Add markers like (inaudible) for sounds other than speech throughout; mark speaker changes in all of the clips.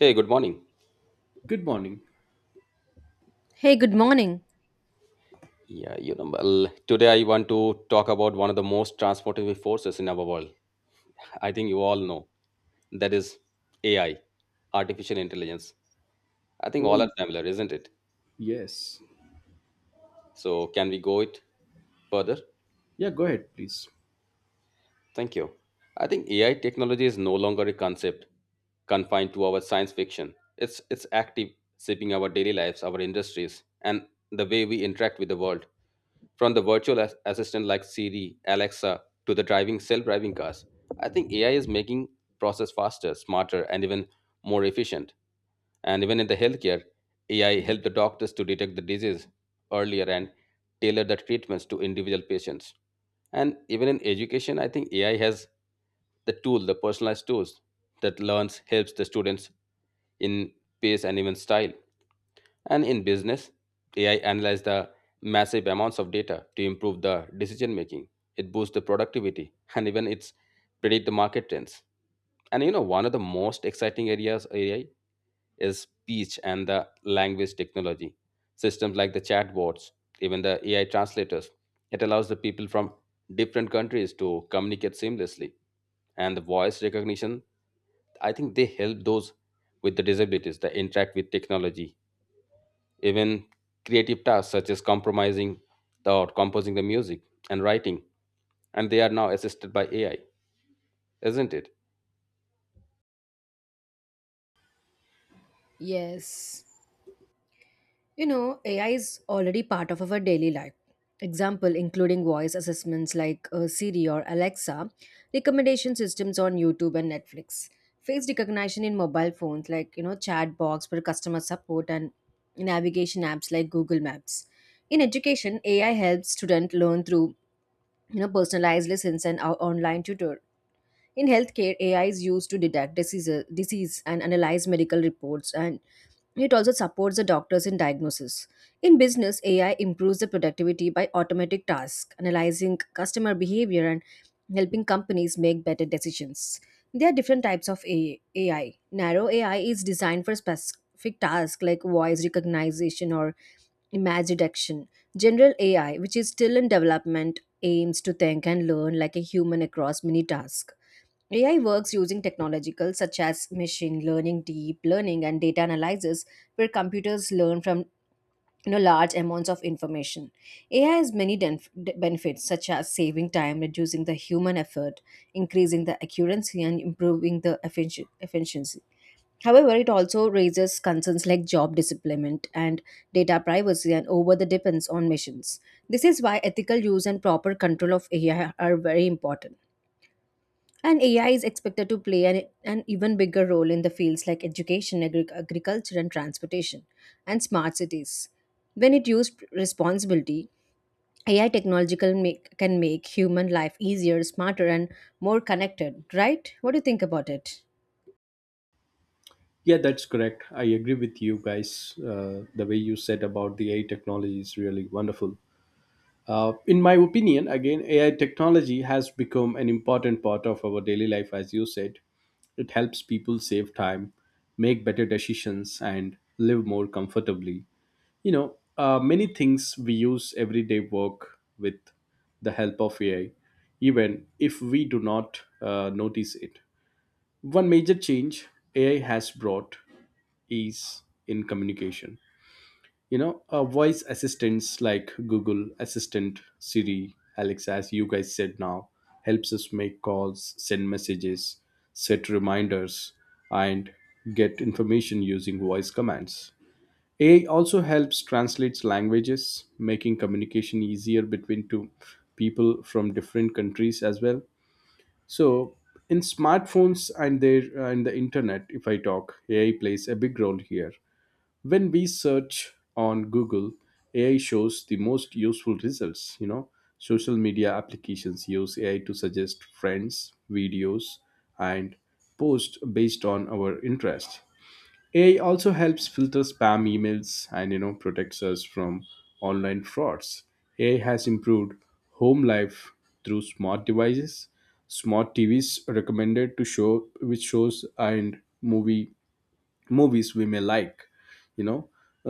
Speaker 1: Hey, good morning.
Speaker 2: Good morning.
Speaker 3: Hey, good morning.
Speaker 1: Today I want to talk about one of the most transformative forces in our world. I think you all know that is AI, artificial intelligence. I think
Speaker 2: Oh,
Speaker 1: all are familiar, isn't it?
Speaker 2: yes.
Speaker 1: So, can we go it further?
Speaker 2: Yeah, go ahead, please.
Speaker 1: Thank you. I think AI technology is no longer a concept confined to our science fiction. It's active shaping our daily lives, our industries, and the way we interact with the world. From the virtual assistant like Siri, Alexa, to the driving self-driving cars, I think AI is making process faster, smarter, and even more efficient. And even in the healthcare, AI helped the doctors to detect the disease earlier and tailor the treatments to individual patients. And even in education, I think AI has the tool, the personalized tools that learns helps the students in pace and even style. And in business, AI analyzes the massive amounts of data to improve the decision making. It boosts the productivity and even it's predict the market trends. One of the most exciting areas AI is speech and the language technology. Systems like the chatbots, even the AI translators, it allows the people from different countries to communicate seamlessly. And the voice recognition, I think they help those with the disabilities that interact with technology even creative tasks such as compromising the or composing the music and writing, and they are now assisted by AI, isn't it?
Speaker 3: Yes. You know, AI is already part of our daily life. Example, including voice assistants like Siri or Alexa, recommendation systems on YouTube and Netflix, face recognition in mobile phones like, you know, chat box for customer support and navigation apps like Google Maps. In education, AI helps students learn through, you know, personalized lessons and our online tutor. In healthcare, AI is used to detect disease and analyze medical reports, and it also supports the doctors in diagnosis. In business, AI improves the productivity by automatic tasks, analyzing customer behavior, and helping companies make better decisions. There are different types of AI. Narrow AI is designed for specific tasks like voice recognition or image detection. General AI, which is still in development, aims to think and learn like a human across many tasks. AI works using technological such as machine learning, deep learning, and data analysis, where computers learn from, you know, large amounts of information. AI has many benefits such as saving time, reducing the human effort, increasing the accuracy, and improving the efficiency. However, it also raises concerns like job disemployment and data privacy and over the dependence on machines. This is why ethical use and proper control of AI are very important. And AI is expected to play an even bigger role in the fields like education, agriculture, and transportation, and smart cities. When it used responsibility, AI technological can make human life easier, smarter, and more connected. Right? What do you think about it?
Speaker 2: Yeah, that's correct. I agree with you guys. The way you said about the AI technology is really wonderful. In my opinion, again, AI technology has become an important part of our daily life, as you said. It helps people save time, make better decisions, and live more comfortably. You know, many things we use everyday work with the help of AI, even if we do not notice it. One major change AI has brought is in communication. You know, voice assistants like Google Assistant, Siri, Alexa, as you guys said, now helps us make calls, send messages, set reminders, and get information using voice commands. AI also helps translates languages, making communication easier between two people from different countries as well. So in smartphones and the internet, if I talk, AI plays a big role here. When we search on Google, AI shows the most useful results. You know, social media applications use AI to suggest friends, videos, and posts based on our interest. AI also helps filter spam emails, and you know, protects us from online frauds. AI has improved home life through smart devices. Smart TVs recommended to show which shows and movies we may like. You know,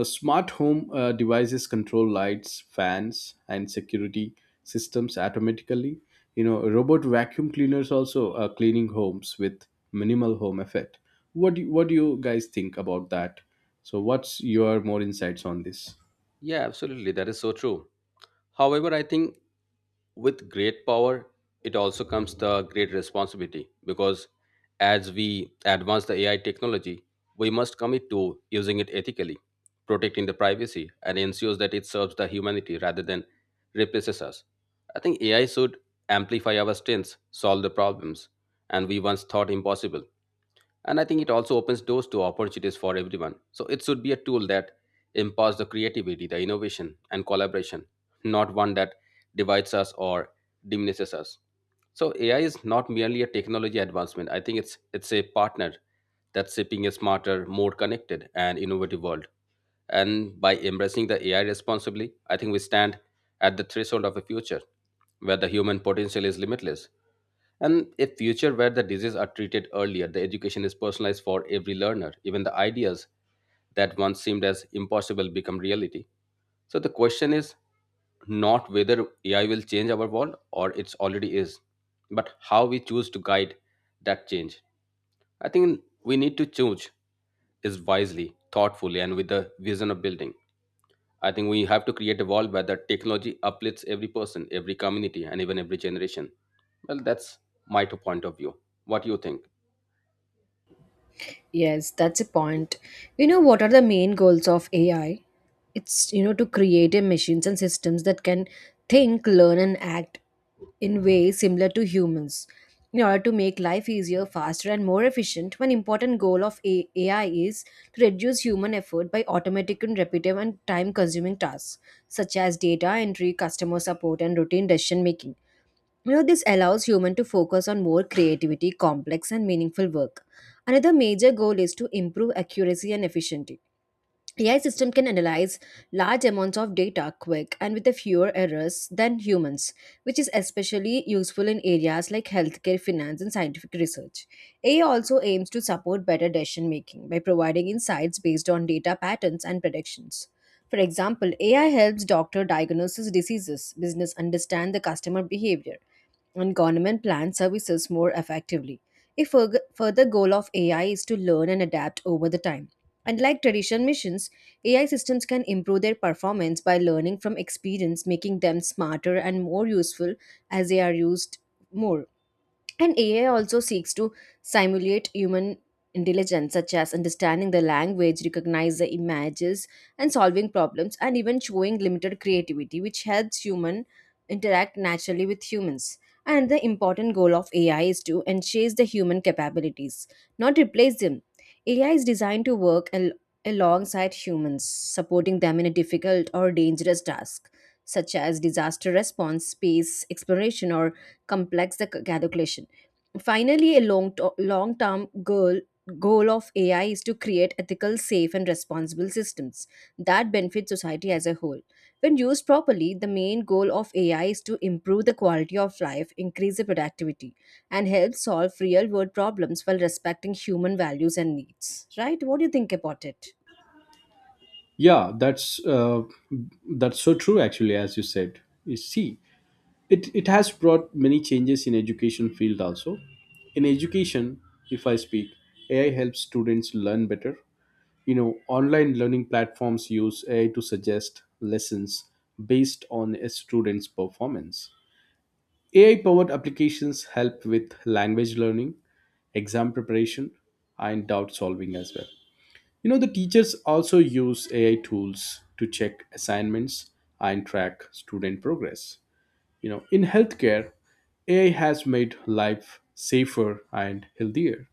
Speaker 2: Smart home devices control lights, fans, and security systems automatically. You know, robot vacuum cleaners also are cleaning homes with minimal home effect. What do you guys think about that? So what's your more insights on this?
Speaker 1: Yeah, absolutely. That is so true. However, I think with great power it also comes the great responsibility because as we advance the ai technology we must commit to using it ethically, protecting the privacy and ensures that it serves the humanity rather than replaces us. I think ai should amplify our strengths, solve the problems, and we once thought impossible, and I think it also opens doors to opportunities for everyone. So it should be a tool that empowers the creativity, the innovation, and collaboration, not one that divides us or diminishes us. So AI is not merely a technology advancement. I think it's a partner that's shaping a smarter, more connected, and innovative world. And by embracing the AI responsibly, I think we stand at the threshold of a future where the human potential is limitless, and a future where the diseases are treated earlier, the education is personalized for every learner. Even the ideas that once seemed as impossible become reality. So the question is not whether AI will change our world or it's already is, but how we choose to guide that change. I think we need to choose is wisely, thoughtfully, and with the vision of building. I think we have to create a world where the technology uplifts every person, every community, and even every generation. Well, that's my two point of view. What do you think?
Speaker 3: Yes, that's a point. You know, what are the main goals of AI? It's, you know, to create a machines and systems that can think, learn, and act in ways similar to humans. In order to make life easier, faster, and more efficient, one important goal of AI is to reduce human effort by automatic and repetitive and time consuming tasks, such as data entry, customer support, and routine decision making. You know, this allows human to focus on more creativity, complex and meaningful work. Another major goal is to improve accuracy and efficiency. AI system can analyze large amounts of data quick and with fewer errors than humans, which is especially useful in areas like healthcare, finance, and scientific research. AI also aims to support better decision making by providing insights based on data patterns and predictions. For example, AI helps doctor diagnose diseases, business understand the customer behavior, and government plan services more effectively. A further goal of AI is to learn and adapt over the time. Unlike traditional missions, AI systems can improve their performance by learning from experience, making them smarter and more useful as they are used more. And AI also seeks to simulate human intelligence, such as understanding the language, recognize the images, and solving problems, and even showing limited creativity, which helps human interact naturally with humans. And the important goal of AI is to enhance the human capabilities, not replace them. AI is designed to work alongside humans, supporting them in a difficult or dangerous task, such as disaster response, space exploration, or complex the calculation. Finally, a long term goal of AI is to create ethical, safe, and responsible systems that benefit society as a whole. When used properly, the main goal of AI is to improve the quality of life, increase the productivity, and help solve real world problems while respecting human values and needs. Right? What do you think about it?
Speaker 2: Yeah, uh, that's so true, actually. As you said, you see, it has brought many changes in education field also. In education, if I speak, AI helps students learn better. You know, online learning platforms use AI to suggest lessons based on a student's performance. AI powered applications help with language learning, exam preparation, and doubt solving as well. You know, the teachers also use AI tools to check assignments and track student progress. You know, in healthcare, AI has made life safer and healthier.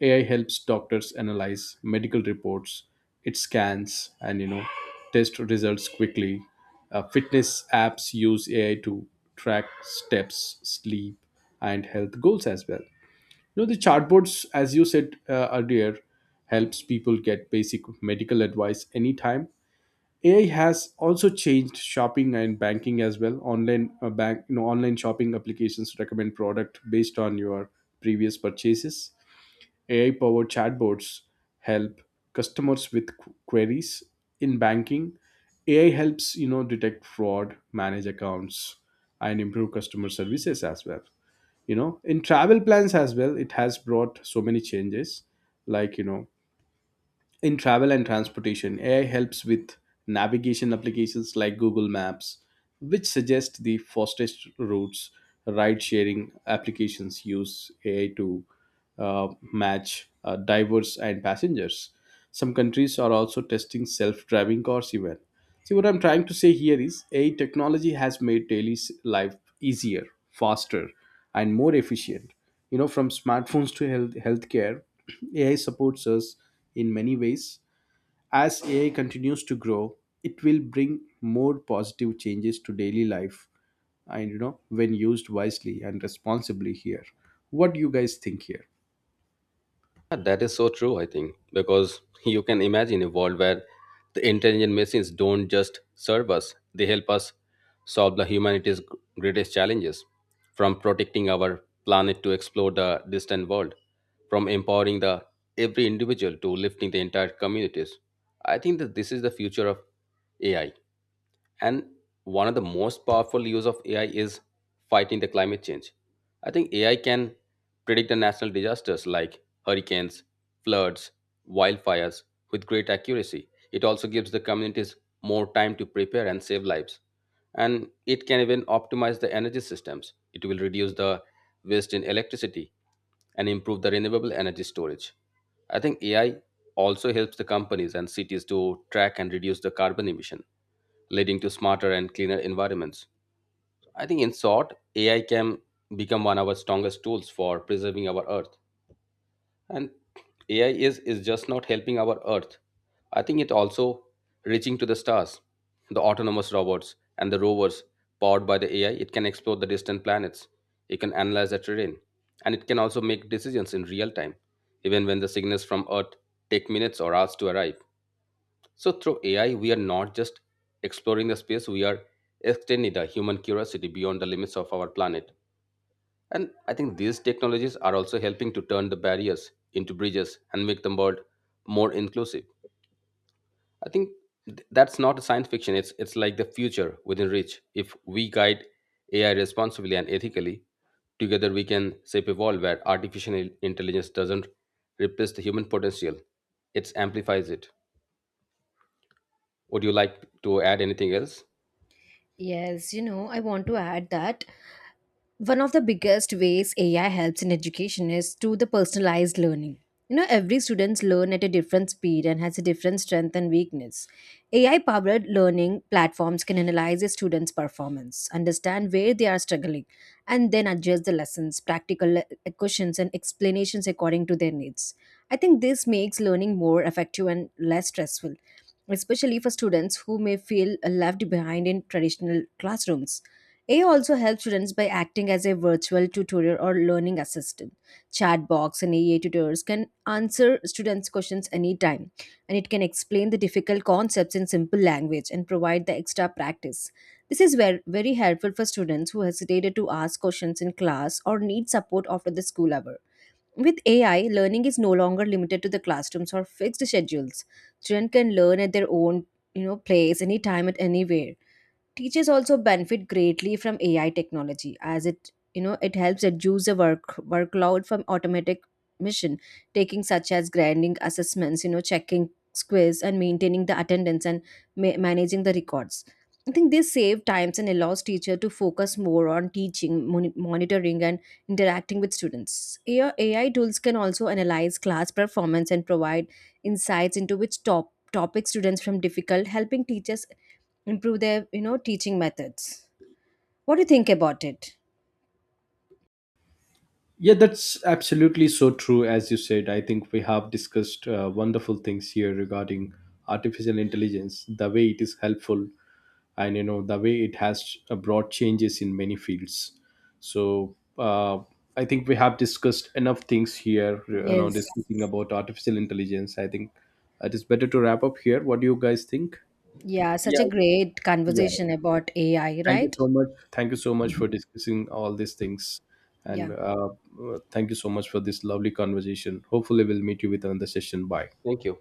Speaker 2: AI helps doctors analyze medical reports, it scans and you know test results quickly. Fitness apps use AI to track steps, sleep, and health goals as well. You know, the chatbots, as you said earlier, helps people get basic medical advice anytime. AI has also changed shopping and banking as well. You know, online shopping applications recommend product based on your previous purchases. AI-powered chatbots help customers with queries in banking. AI helps, you know, detect fraud, manage accounts, and improve customer services as well. You know, in travel plans as well, it has brought so many changes, like, you know, in travel and transportation, AI helps with navigation applications like Google Maps, which suggest the fastest routes. Ride sharing applications use AI to match drivers and passengers. Some countries are also testing self driving cars, even. See, what I'm trying to say here is AI technology has made daily life easier, faster, and more efficient. You know, from smartphones to healthcare (clears throat) AI supports us in many ways. As AI continues to grow, it will bring more positive changes to daily life. And you know, when used wisely and responsibly here, what do you guys think here?
Speaker 1: Yeah, that is so true, I think, because you can imagine a world where the intelligent machines don't just serve us, they help us solve the humanity's greatest challenges, from protecting our planet to explore the distant world, from empowering the every individual to lifting the entire communities. I think that this is the future of AI. And one of the most powerful use of AI is fighting the climate change. I think AI can predict the natural disasters like hurricanes, floods, wildfires with great accuracy. It also gives the communities more time to prepare and save lives. And it can even optimize the energy systems. It will reduce the waste in electricity and improve the renewable energy storage. I think AI also helps the companies and cities to track and reduce the carbon emission leading to smarter and cleaner environments. I think, in short, AI can become one of our strongest tools for preserving our Earth. And AI is just not helping our Earth. I think it also reaching to the stars, the autonomous robots and the rovers powered by the AI. It can explore the distant planets. It can analyze the terrain, and it can also make decisions in real time, even when the signals from Earth take minutes or hours to arrive. So through AI, we are not just exploring the space, we are extending the human curiosity beyond the limits of our planet. And I think these technologies are also helping to turn the barriers into bridges and make the world more inclusive. I think that's not a science fiction. It's like the future within reach. If we guide AI responsibly and ethically, together we can shape a world where artificial intelligence doesn't replace the human potential. It amplifies it. Would you like to add anything else?
Speaker 3: Yes, you know, I want to add that one of the biggest ways AI helps in education is through the personalized learning. You know, every students learn at a different speed and has a different strength and weakness. AI powered learning platforms can analyze a student's performance, understand where they are struggling, and then adjust the lessons, practical questions, and explanations according to their needs. I think this makes learning more effective and less stressful, especially for students who may feel left behind in traditional classrooms. AI also helps students by acting as a virtual tutorial or learning assistant. Chat box and AI tutors can answer students' questions anytime, and it can explain the difficult concepts in simple language and provide the extra practice. This is very helpful for students who hesitated to ask questions in class or need support after the school hour. With AI, learning is no longer limited to the classrooms or fixed schedules. Students can learn at their own, you know, place anytime at anywhere. Teachers also benefit greatly from AI technology, as it, you know, it helps reduce the workload from automatic mission taking, such as grading assessments, you know, checking quiz and maintaining the attendance and managing the records. I think this save times and allows teacher to focus more on teaching, monitoring, and interacting with students. AI tools can also analyze class performance and provide insights into which topics students from difficult, helping teachers improve their, you know, teaching methods. What do you think about it?
Speaker 2: Yeah, that's absolutely so true. As you said, I think we have discussed wonderful things here regarding artificial intelligence, the way it is helpful, and you know, the way it has brought changes in many fields. So I think we have discussed enough things here. You know,
Speaker 3: Yes.
Speaker 2: discussing about artificial intelligence, I think it is better to wrap up here. What do you guys think?
Speaker 3: Yeah, such a
Speaker 1: Yeah.
Speaker 3: great
Speaker 2: yeah
Speaker 3: conversation
Speaker 2: yeah.
Speaker 3: about AI,
Speaker 2: Thank you
Speaker 3: right?
Speaker 2: so much. For discussing all these things, and
Speaker 3: Yeah.
Speaker 2: thank you so much for this lovely conversation. Hopefully we'll meet you with another session. Bye.
Speaker 1: Thank you.